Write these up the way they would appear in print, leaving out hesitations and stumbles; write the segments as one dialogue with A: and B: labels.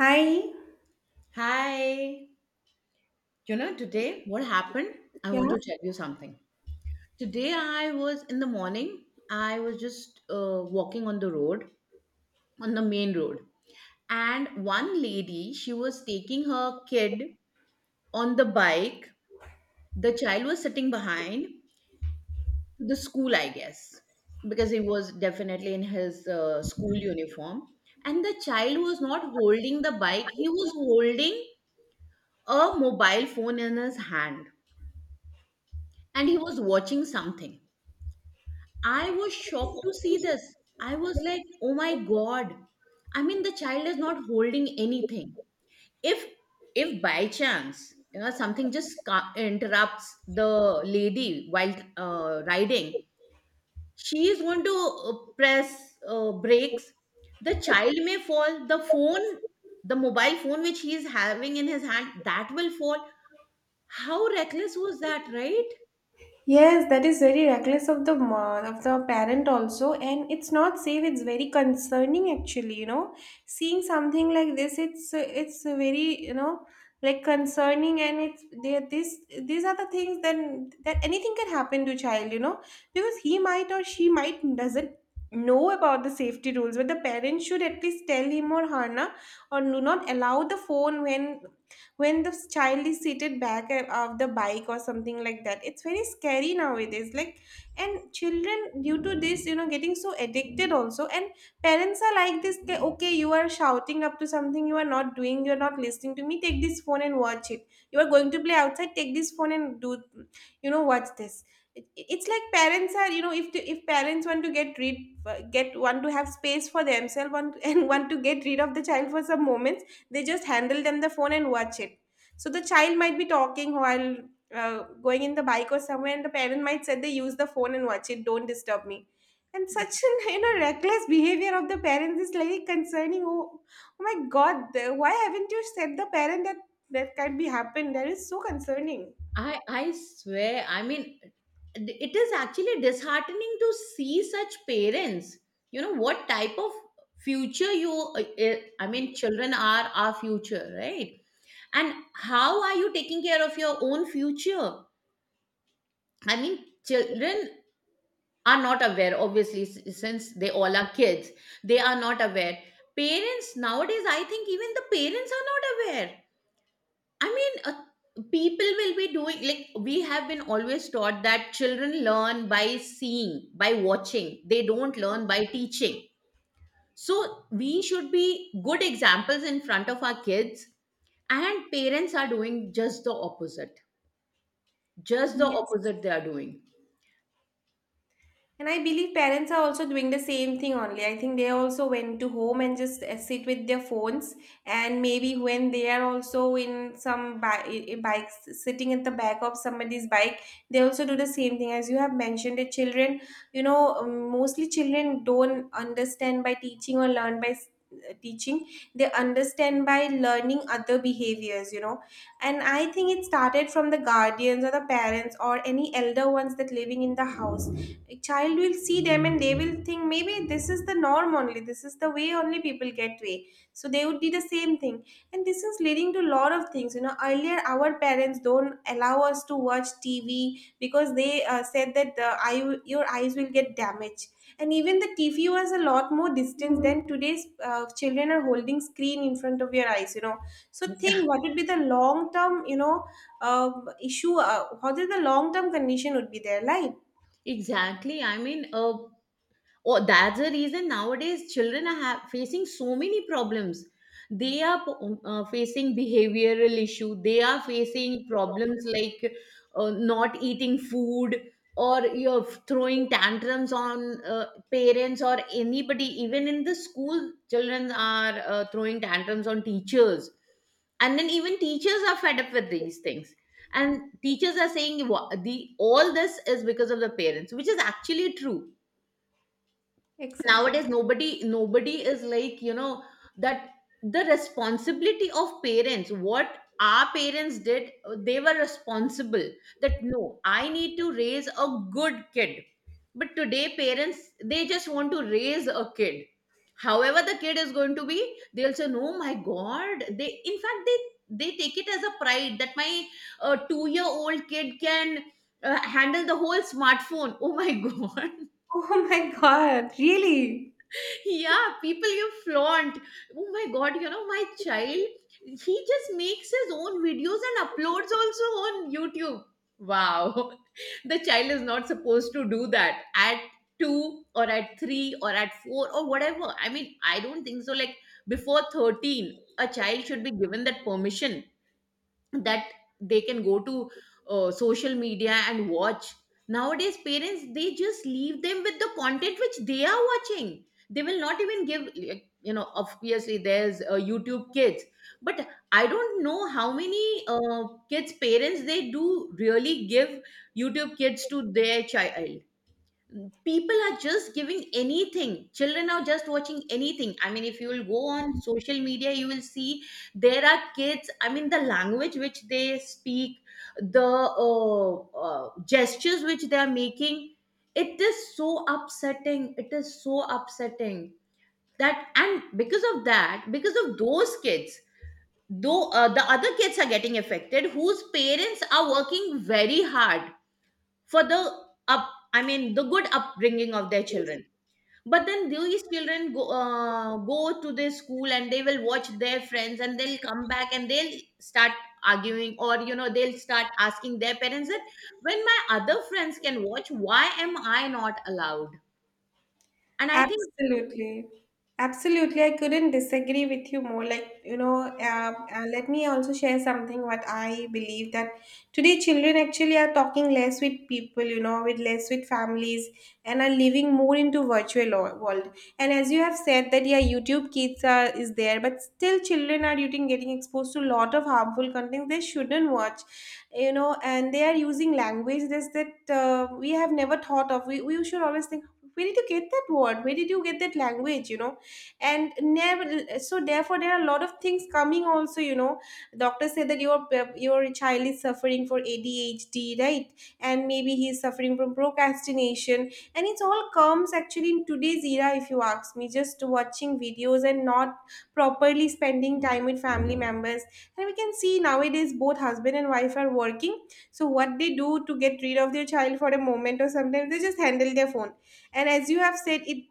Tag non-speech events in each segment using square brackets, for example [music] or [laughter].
A: Hi.
B: Hi. You know, today what happened? I
A: Yeah.
B: want to tell you something. Today I was in the morning, I was just walking on the road, on the main road. And one lady, she was taking her kid on the bike. The child was sitting behind the school, I guess, because he was definitely in his school uniform. And the child was not holding the bike, he was holding a mobile phone in his hand and he was watching something. I was shocked to see this. I was like, oh my God. I mean, the child is not holding anything. If if by chance, you know, something just interrupts the lady while riding, she is going to press brakes. The child may fall. The phone, the mobile phone which he is having in his hand, that will fall. How reckless was that, right?
A: Yes, that is very reckless of the mo- of the parent also, and it's not safe. It's very concerning actually. You know, seeing something like this, it's very concerning, and it's they This these are the things then that anything can happen to child. You know, because he might or she might doesn't know about the safety rules, but the parent should at least tell him or her na, or do not allow the phone when the child is seated back of the bike or something like that. It's very scary nowadays, like, and children due to this, getting so addicted also. And parents are like this, they, okay, you are shouting up to something, you are not doing, you are not listening to me, take this phone and watch it, you are going to play outside, take this phone and do, watch this. It's like parents are, if parents want to get rid get want to have space for themselves, want, [laughs] and want to get rid of the child for some moments, they just handle them the phone and watch it. So the child might be talking while going in the bike or somewhere, and the parent might say, they use the phone and watch it, don't disturb me. And such an [laughs] reckless behavior of the parents is like concerning. Oh, why haven't you said the parent that that can be happened? That is so concerning.
B: I swear, I mean, it is actually disheartening to see such parents. You know what type of future you, I mean, children are our future, right? And how are you taking care of your own future? I mean, children are not aware, obviously, since they all are kids, they are not aware. Parents nowadays, I think even the parents are not aware. I mean, people will be doing like we have been always taught that children learn by seeing, by watching. They don't learn by teaching. So we should be good examples in front of our kids, and parents are doing just the opposite. Just the
A: Yes.
B: opposite they are doing.
A: And I believe parents are also doing the same thing only. I think they also went to home and just sit with their phones. And maybe when they are also in some bikes, sitting at the back of somebody's bike, they also do the same thing. As you have mentioned, the children, you know, mostly children don't understand by teaching, or learn by teaching. They understand by learning other behaviors, you know. And I think it started from the guardians or the parents or any elder ones that living in the house. A child will see them and they will think, maybe this is the norm only, this is the way only people get way, so they would do the same thing. And this is leading to a lot of things, you know. Earlier our parents don't allow us to watch TV, because they said that the eye, your eyes will get damaged. And even the TV was a lot more distance than today's, children are holding screen in front of your eyes, you know. So think what would be the long term, issue, what is the long term condition would be there, like.
B: Exactly. Or that's the reason nowadays children are facing so many problems. They are facing behavioral issue. They are facing problems like not eating food or you're throwing tantrums on parents or anybody. Even in the school, children are throwing tantrums on teachers and then even teachers are fed up with these things and teachers are saying "Wha- the all this is because of the parents", which is actually true.
A: Exactly.
B: Nowadays nobody is like, you know, that the responsibility of parents, what our parents did, they were responsible, that no, I need to raise a good kid. But today parents, they just want to raise a kid, however the kid is going to be. They'll say, no my god, they in fact they take it as a pride that my 2 year old kid can handle the whole smartphone. Oh my [laughs] god.
A: [laughs] Oh my god, really.
B: Yeah, people, you flaunt, oh my god, you know, my child, he just makes his own videos and uploads also on YouTube. Wow. [laughs] The child is not supposed to do that at 2 or at 3 or at 4 or whatever. I mean, I don't think so, like before 13 a child should be given that permission, that they can go to social media and watch. Nowadays parents, they just leave them with the content which they are watching. They will not even give, like, you know, obviously there's YouTube Kids, but I don't know how many kids' parents, they do really give YouTube Kids to their child. People are just giving anything, children are just watching anything. I mean, if you will go on social media, you will see there are kids, I mean, the language which they speak, the uh, gestures which they are making, it is so upsetting. It is so upsetting. That and because of that, because of those kids, though the other kids are getting affected, whose parents are working very hard for the up I mean the good upbringing of their children. But then these children go, go to their school and they will watch their friends and they'll come back and they'll start arguing, or you know, they'll start asking their parents that when my other friends can watch, why am I not allowed? And I think
A: Absolutely. Absolutely. I couldn't disagree with you more. Like, let me also share something what I believe: that today children actually are talking less with people, you know, with less with families, and are living more into virtual world. And as you have said that, yeah, YouTube kids is there, but still children are getting exposed to a lot of harmful content they shouldn't watch, you know. And they are using language that we have never thought of. We should always think, where did you get that word? Where did you get that language? You know? And never, so therefore there are a lot of things coming also, you know. Doctors say that your child is suffering for ADHD, right? And maybe he's suffering from procrastination. And it's all comes actually in today's era, if you ask me, just watching videos and not properly spending time with family members. And we can see nowadays both husband and wife are working, so what they do to get rid of their child for a moment or sometimes, they just handle their phone. And as you have said it,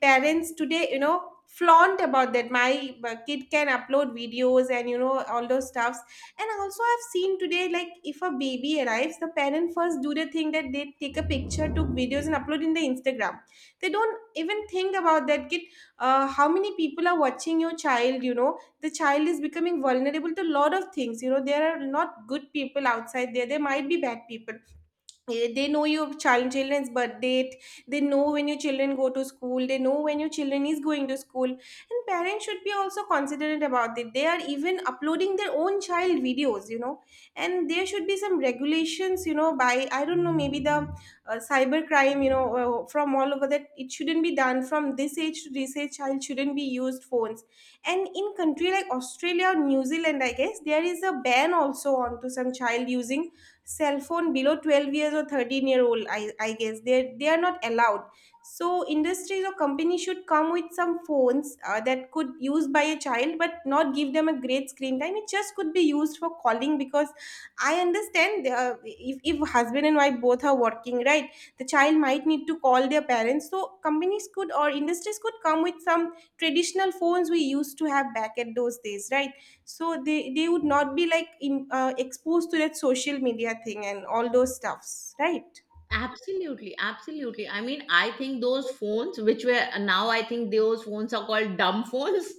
A: parents today, you know, flaunt about that my kid can upload videos and, you know, all those stuffs. And also I've seen today, like, if a baby arrives, the parent first do the thing that they take a picture, took videos and upload in the Instagram. They don't even think about that kid, how many people are watching your child. You know, the child is becoming vulnerable to a lot of things, you know. There are not good people outside there, there might be bad people. They know your child, children's birth date. They know when your children go to school, they know when your children is going to school. And parents should be also considerate about it. They are even uploading their own child videos, you know. And there should be some regulations, you know, by, I don't know, maybe the cyber crime, you know, from all over, that it shouldn't be done. From this age to this age child shouldn't be used phones. And in country like Australia or New Zealand, I guess there is a ban also on to some child using cell phone below 12 years or 13-year old, I guess they are not allowed. So industries or companies should come with some phones, that could use by a child, but not give them a great screen time. It just could be used for calling, because I understand, if husband and wife both are working, right, the child might need to call their parents. So companies could or industries could come with some traditional phones we used to have back at those days, right. So they would not be like in, exposed to that social media thing and all those stuffs, right.
B: absolutely, absolutely, I mean, I think those phones which were, now I think those phones are called dumb phones.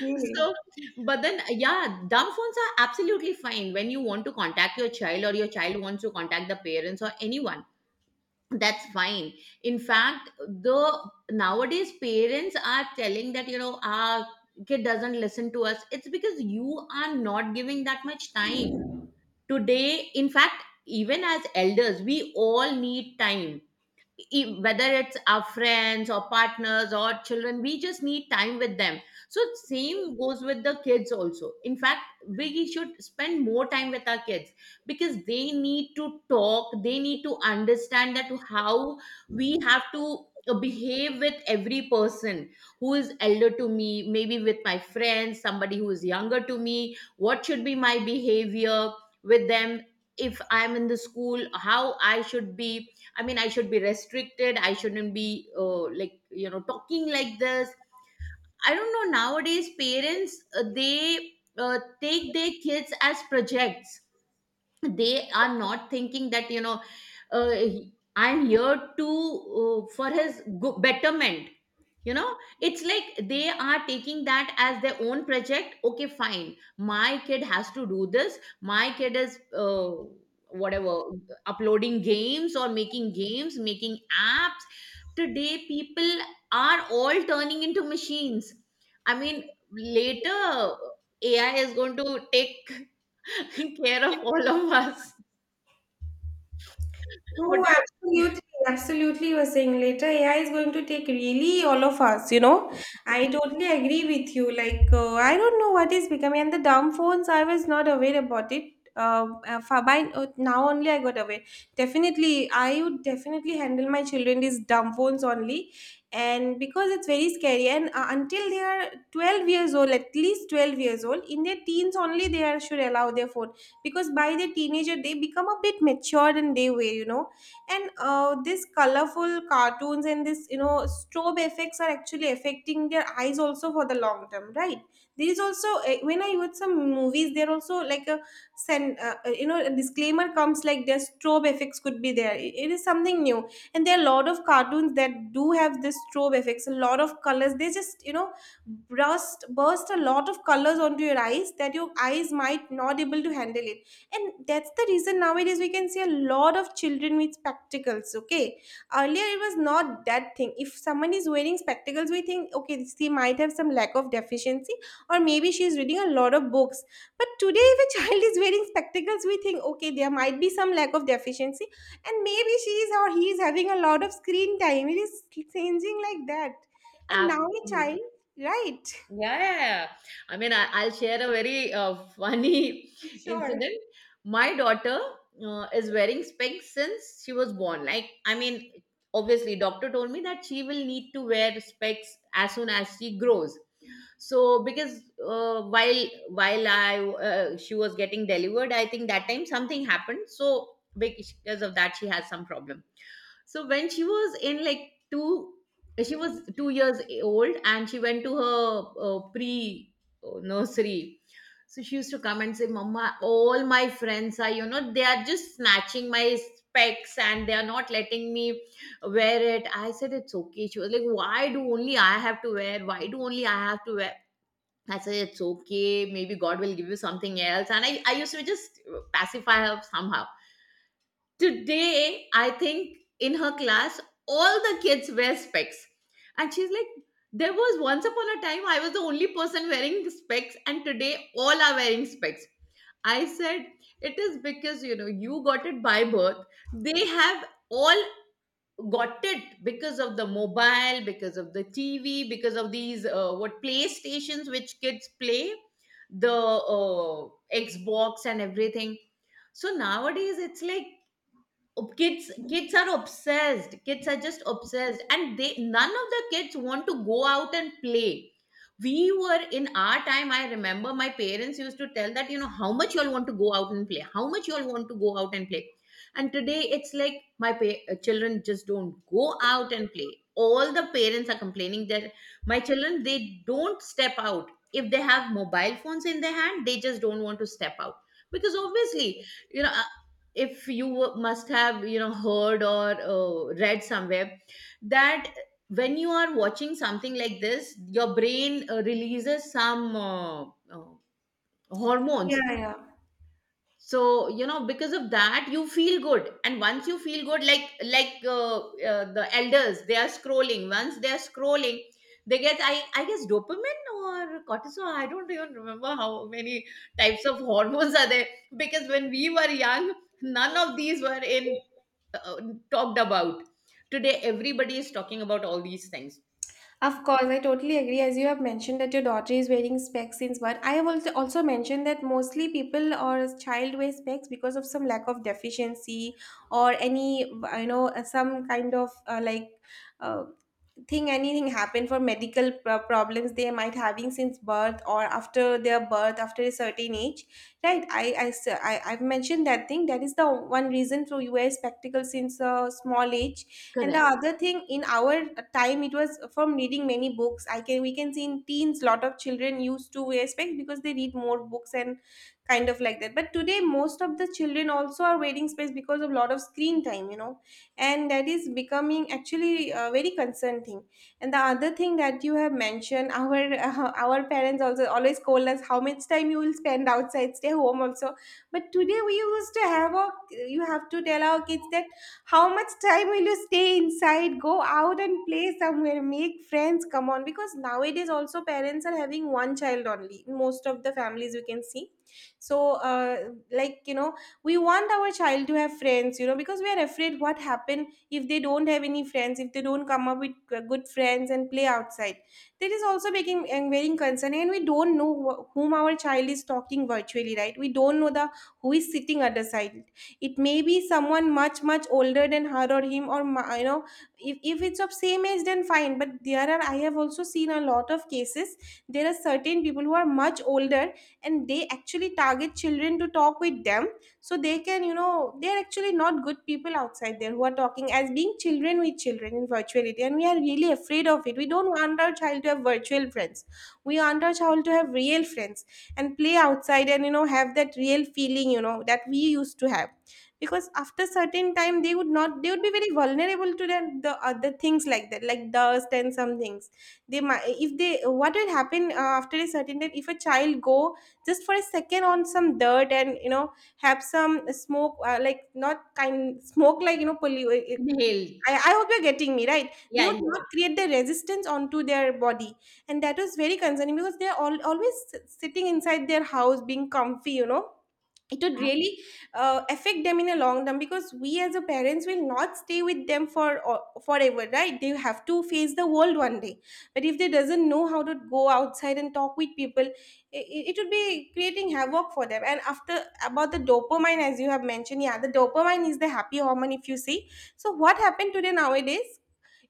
A: Really.
B: So, but then, yeah, dumb phones are absolutely fine when you want to contact your child or your child wants to contact the parents or anyone. That's fine. In fact, the nowadays parents are telling that, you know, our kid doesn't listen to us. It's because you are not giving that much time today. In fact, even as elders, we all need time, whether it's our friends or partners or children, we just need time with them. So same goes with the kids also. In fact, we should spend more time with our kids, because they need to talk, they need to understand that how we have to behave with every person who is elder to me, maybe with my friends, somebody who is younger to me, what should be my behavior with them, if I'm in the school, how I should be. I mean, I should be restricted. I shouldn't be like, you know, talking like this. I don't know. Nowadays, parents, they take their kids as projects. They are not thinking that, you know, I'm here to for his betterment, you know. It's like they are taking that as their own project. Okay, fine, my kid has to do this, my kid is whatever, uploading games or making games, making apps. Today people are all turning into machines. I mean, later AI is going to take [laughs] care of all of us. What
A: No,
B: do you
A: absolutely, absolutely. You are saying later AI is going to take really all of us, you know. I totally agree with you. Like, I don't know what is becoming. And the dumb phones, I was not aware about it. For- by now only I got aware. Definitely, I would definitely handle my children these dumb phones only. And because it's very scary, and until they are 12 years old, at least 12 years old, in their teens only, they are should allow their phone. Because by the teenager, they become a bit matured in their way, you know. And these colorful cartoons and this, you know, strobe effects are actually affecting their eyes also for the long term, right. There is also, when I watch some movies there also like a send, you know, a disclaimer comes like their strobe effects could be there. It is something new. And there are a lot of cartoons that do have this strobe effects, a lot of colors, they just, you know, burst a lot of colors onto your eyes that your eyes might not able to handle it. And that's the reason nowadays we can see a lot of children with spectacles, okay? Earlier it was not that thing. If someone is wearing spectacles, we think, okay, she might have some lack of deficiency, or maybe she is reading a lot of books. But today if a [laughs] child is wearing spectacles, we think, okay, there might be some lack of deficiency, and maybe she is or he is having a lot of screen time. It is changing like that. And now a
B: Absolutely.
A: child, right.
B: Yeah, yeah, yeah. I mean, I'll share a very funny [laughs]
A: Sure.
B: incident. My daughter is wearing specs since she was born. Like, I mean, obviously, doctor told me that she will need to wear specs as soon as she grows. So, because while I she was getting delivered, I think that time something happened. So, because of that, she has some problem. So when she was in like two, she was 2 years old, and she went to her pre nursery. So she used to come and say, "Mama, all my friends are, you know, they are just snatching my specs and they are not letting me wear it." I said, "It's okay." She was like, "Why do only I have to wear? Why do only I have to wear?" I said, "It's okay. Maybe God will give you something else." And I used to just pacify her somehow. Today, I think in her class, all the kids wear specs. And she's like, there was once upon a time I was the only person wearing specs, and today all are wearing specs. I said, it is because, you know, you got it by birth. They have all got it because of the mobile, because of the TV, because of these what PlayStations which kids play, the Xbox and everything. So nowadays it's like kids are obsessed, kids are just obsessed, and they none of the kids want to go out and play. We were in our time, I remember, my parents used to tell that, you know, how much you all want to go out and play, how much you all want to go out and play. And today it's like children just don't go out and play. All the parents are complaining that my children, they don't step out. If they have mobile phones in their hand, they just don't want to step out. Because obviously, you know, if you must have, you know, heard or read somewhere that when you are watching something like this, your brain releases some hormones.
A: Yeah, yeah.
B: So, you know, because of that you feel good, and once you feel good, like the elders, they are scrolling, once they are scrolling they get, I guess, dopamine or cortisol, I don't even remember how many types of [laughs] hormones are there. Because when we were young, none of these were in uh, talked about. Today everybody is talking about all these things.
A: Of course, I totally agree. As you have mentioned that your daughter is wearing specs since birth, I have also mentioned that mostly people or as child wear specs because of some lack of deficiency or any, you know, some kind of, uh, think anything happen for medical problems they might having since birth or after their birth after a certain age, right. I've mentioned that thing, that is the one reason for you wear spectacles since a small age. And the
B: Correct.
A: other thing, in our time, it was from reading many books. I can we can see in teens lot of children used to wear specs because they read more books, and kind of like that. But today most of the children also are wearing specs because of lot of screen time, you know. And that is becoming actually very concerning. And the other thing that you have mentioned, our [laughs] our parents also always call us, how much time you will spend outside, stay home also. But today we used to have a. You have to tell our kids that, how much time will you stay inside? Go out and play somewhere, make friends, come on. Because nowadays also parents are having one child only in most of the families we can see. So we want our child to have friends, you know, because we are afraid what happen if they don't have any friends, if they don't come up with good friends and play outside. That is also making and very concerning. And we don't know whom our child is talking virtually, right? We don't know the who is sitting at the side. It may be someone much much older than her or him, or if it's of same age then fine, but there are, I have also seen a lot of cases. There are certain people who are much older, and they actually target children to talk with them. So they can, you know, they're actually not good people outside there who are talking as being children with children in virtuality, and we are really afraid of it. We don't want our child to have virtual friends. We want our child to have real friends and play outside and, you know, have that real feeling, you know, that we used to have. Because after certain time they would not, they would be very vulnerable to the other things like that, like dust and some things. They might, if they, what will happen after a certain time if a child go just for a second on some dirt and, you know, have some smoke, like not kind smoke, like you know,
B: Inhale.
A: I hope you're getting me right, they
B: Yeah,
A: would
B: yeah.
A: not create the resistance onto their body. And that was very concerning because they're always sitting inside their house being comfy, you know. It would
B: Uh,
A: really affect them in a long term because we as a parents will not stay with them for forever, right? They have to face the world one day. But if they doesn't know how to go outside and talk with people, it would be creating havoc for them. And after, about the dopamine as you have mentioned, yeah, the dopamine is the happy hormone if you see. So what happened today nowadays,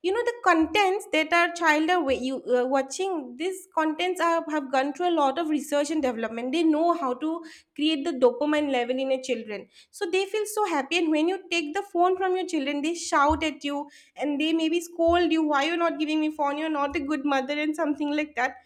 A: you know, the contents that our child are watching, these contents are, have gone through a lot of research and development. They know how to create the dopamine level in a children so they feel so happy. And when you take the phone from your children, they shout at you and they maybe scold you, why you're not giving me phone, you're not a good mother and something like that.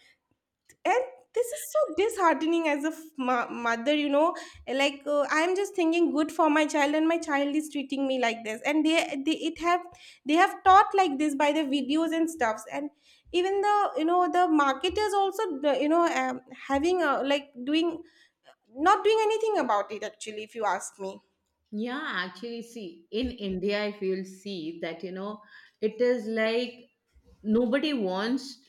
A: And this is so disheartening as a mother, you know. Like I'm just thinking good for my child and my child is treating me like this. And they it have they have taught like this by the videos and stuffs. And even the, you know, the marketers also having a, like doing, not doing anything about it actually if you ask me.
B: Yeah, actually, see, in India, if you'll see that, you know, it is like nobody wants,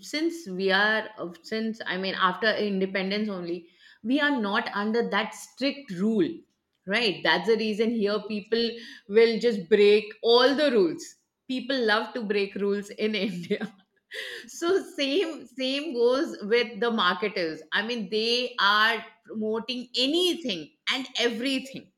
B: since we are, since I mean, after independence only, we are not under that strict rule, right? That's the reason here people will just break all the rules. People love to break rules in [laughs] India. So same goes with the marketers. I mean, they are promoting anything and everything.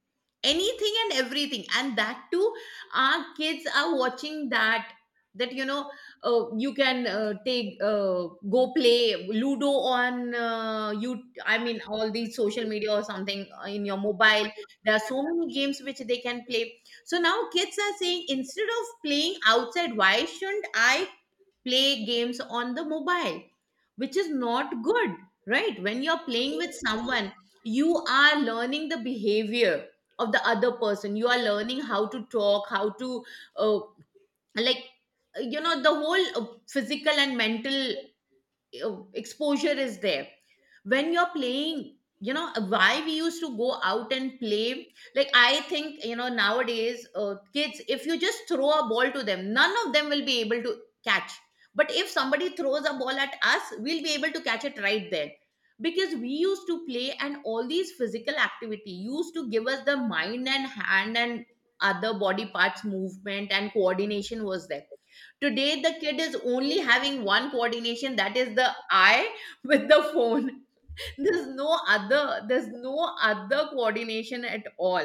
B: Anything and everything. And that too, our kids are watching that. That, you know, you can take, go play ludo on, you I mean all these social media or something in your mobile. There are so many games which they can play. So now kids are saying, instead of playing outside, why shouldn't I play games on the mobile, which is not good, right? When you're playing with someone, you are learning the behavior of the other person. You are learning how to talk, how to, uh, like, you know, the whole physical and mental exposure is there when you're playing. You know why we used to go out and play? Like, I think, you know, nowadays kids, if you just throw a ball to them, none of them will be able to catch. But if somebody throws a ball at us, we'll be able to catch it right there, because we used to play and all these physical activity used to give us the mind and hand and other body parts movement, and coordination was there. Today, the kid is only having one coordination, that is the eye with the phone. [laughs] There's no other coordination at all.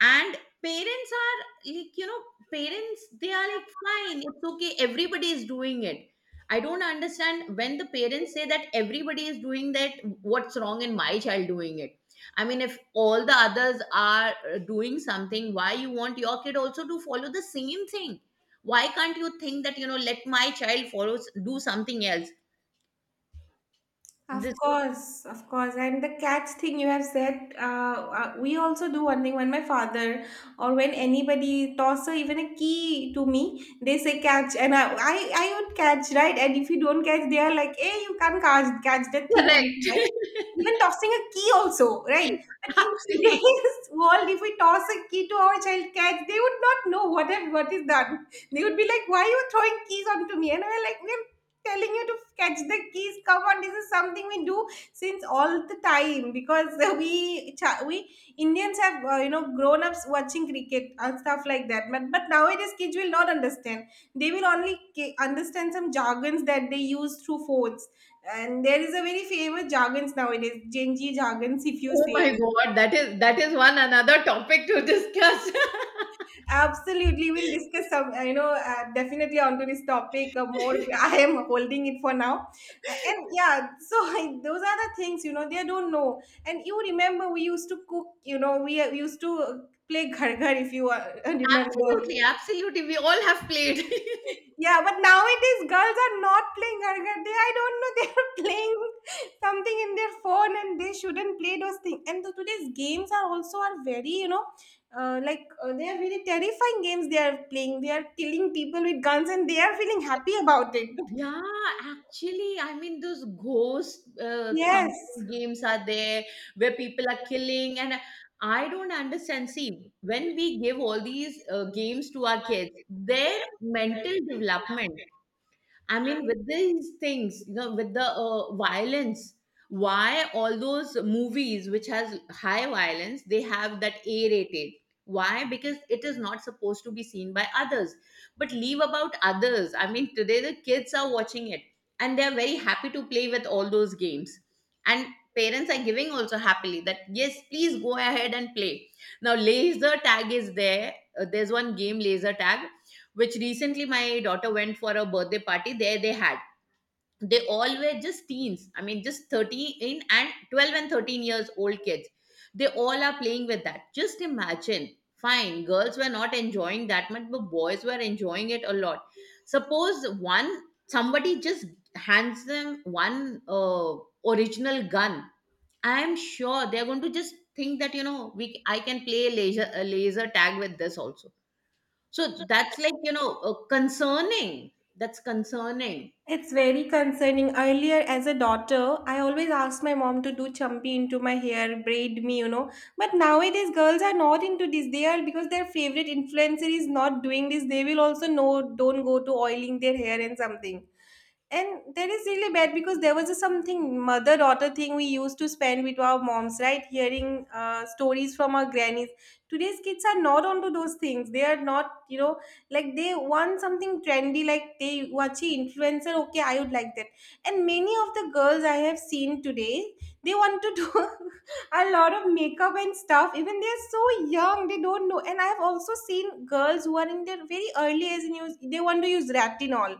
B: And parents are like, you know, parents, they are like, fine, it's okay, everybody is doing it. I don't understand when the parents say that everybody is doing that, what's wrong in my child doing it? I mean, if all the others are doing something, why you want your kid also to follow the same thing? Why can't you think that, you know, let my child follow, do something else?
A: Of
B: This
A: course, of course. And the catch thing you have said, we also do one thing. When my father or when anybody toss a, even a key to me, they say catch. And I would catch, right? And if you don't catch, they are like, hey, you can't catch, catch that thing,
B: correct.
A: right? Even tossing a key also, right? But
B: [laughs]
A: in
B: Absolutely.
A: today's [laughs] world, if we toss a key to our child catch, they would not know what, have, what is done. They would be like, why are you throwing keys onto me? And I'm like, telling you to catch the keys, come on. This is something we do since all the time, because [laughs] we indians have, you know, grown ups watching cricket and stuff like that. But nowadays kids will not understand. They will only understand some jargons that they use through phones. And there is a very famous jargons nowadays, genji jargons if you
B: Oh
A: say.
B: my God, that is one another topic to discuss.
A: Absolutely, we'll discuss some. You know, definitely onto this topic more. [laughs] I am holding it for now, and yeah. So [laughs] those are the things, you know, they don't know. And you remember we used to cook. You know, we used to play [laughs] ghar ghar if you [laughs] remember.
B: Absolutely, absolutely. We all have played. [laughs]
A: Yeah, but nowadays girls are not playing Argat. They, I don't know, they are [laughs] playing something in their phone and they shouldn't play those things. And the, today's games are also are very, you know, they are very terrifying games they are playing. They are killing people with guns and they are feeling happy about it.
B: Yeah, actually, I mean, those ghost something
A: Yes.
B: games are there where people are killing, and I don't understand. See, when we give all these games to our kids, their mental development. I mean, with these things, you know, with the violence, why all those movies which has high violence, they have that A rated? Why? Because it is not supposed to be seen by others. But leave about others. I mean, today the kids are watching it and they're very happy to play with all those games. And parents are giving also happily that, yes, please go ahead and play. Now, laser tag is there. There's one game, laser tag, which recently my daughter went for a birthday party. There they had, they all were just teens, I mean just 13 and 12 and 13 years old kids, they all are playing with that. Just imagine. Fine, girls were not enjoying that much, but boys were enjoying it a lot. Suppose one, somebody just hands them one original gun, I am sure they are going to just think that, you know, we I can play laser, a laser tag with this also. So that's like, you know, concerning. That's concerning.
A: It's very concerning. Earlier, as a daughter, I always asked my mom to do champi into my hair, braid me, you know. But nowadays, girls are not into this. They are because their favorite influencer is not doing this. They will also know, don't go to oiling their hair and something. And that is really bad because there was a something mother daughter thing we used to spend with our moms, right? Hearing stories from our grannies. Today's kids are not onto those things. They are not, you know, like they want something trendy. Like they watch a influencer, okay, I would like that. And many of the girls I have seen today, they want to do [laughs] a lot of makeup and stuff, even they are so young they don't know. And I have also seen girls who are in their very early age and use, they want to use retinol.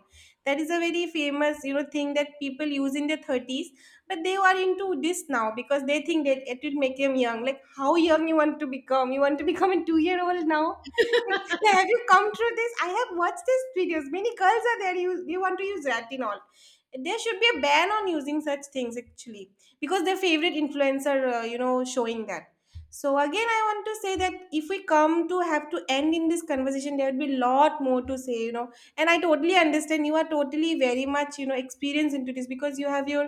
A: That is a very famous, you know, thing that people use in their 30s. But they are into this now because they think that it will make them young. Like, how young you want to become? You want to become a 2 year old now? Like, [laughs] have you come through this? I have watched these videos, many girls are there, you want to use retinol. There should be a ban on using such things actually, because their favorite influencer, you know, showing that. So again I want to say that if we come to have to end in this conversation, there would be a lot more to say, you know. And I totally understand, you are totally very much, you know, experienced into this because you have your,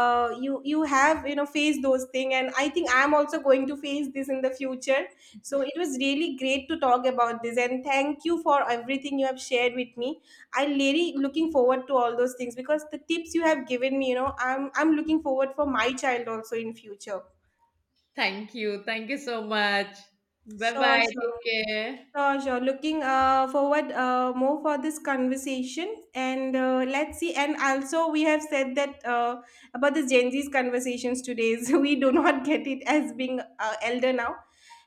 A: you have, you know, faced those things. And I think I'm also going to face this in the future. So it was really great to talk about this, and thank you for everything you have shared with me. I'm really looking forward to all those things because the tips you have given me, you know, I'm looking forward for my child also in future.
B: Thank you. Thank you so much. Bye
A: Sure,
B: bye.
A: sure.
B: Take care.
A: Sure, sure. Looking forward more for this conversation, and let's see. And also, we have said that, about the Gen Z's conversations today, [laughs] so we do not get it as being elder now.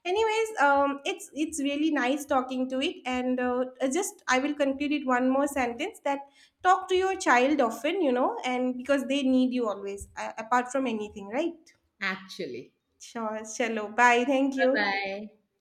A: Anyways, it's really nice talking to it, and just I will conclude it one more sentence, that talk to your child often, you know, and because they need you always, apart from anything, right?
B: Actually.
A: Sure, shallow. Bye. Thank
B: Bye
A: you.
B: bye.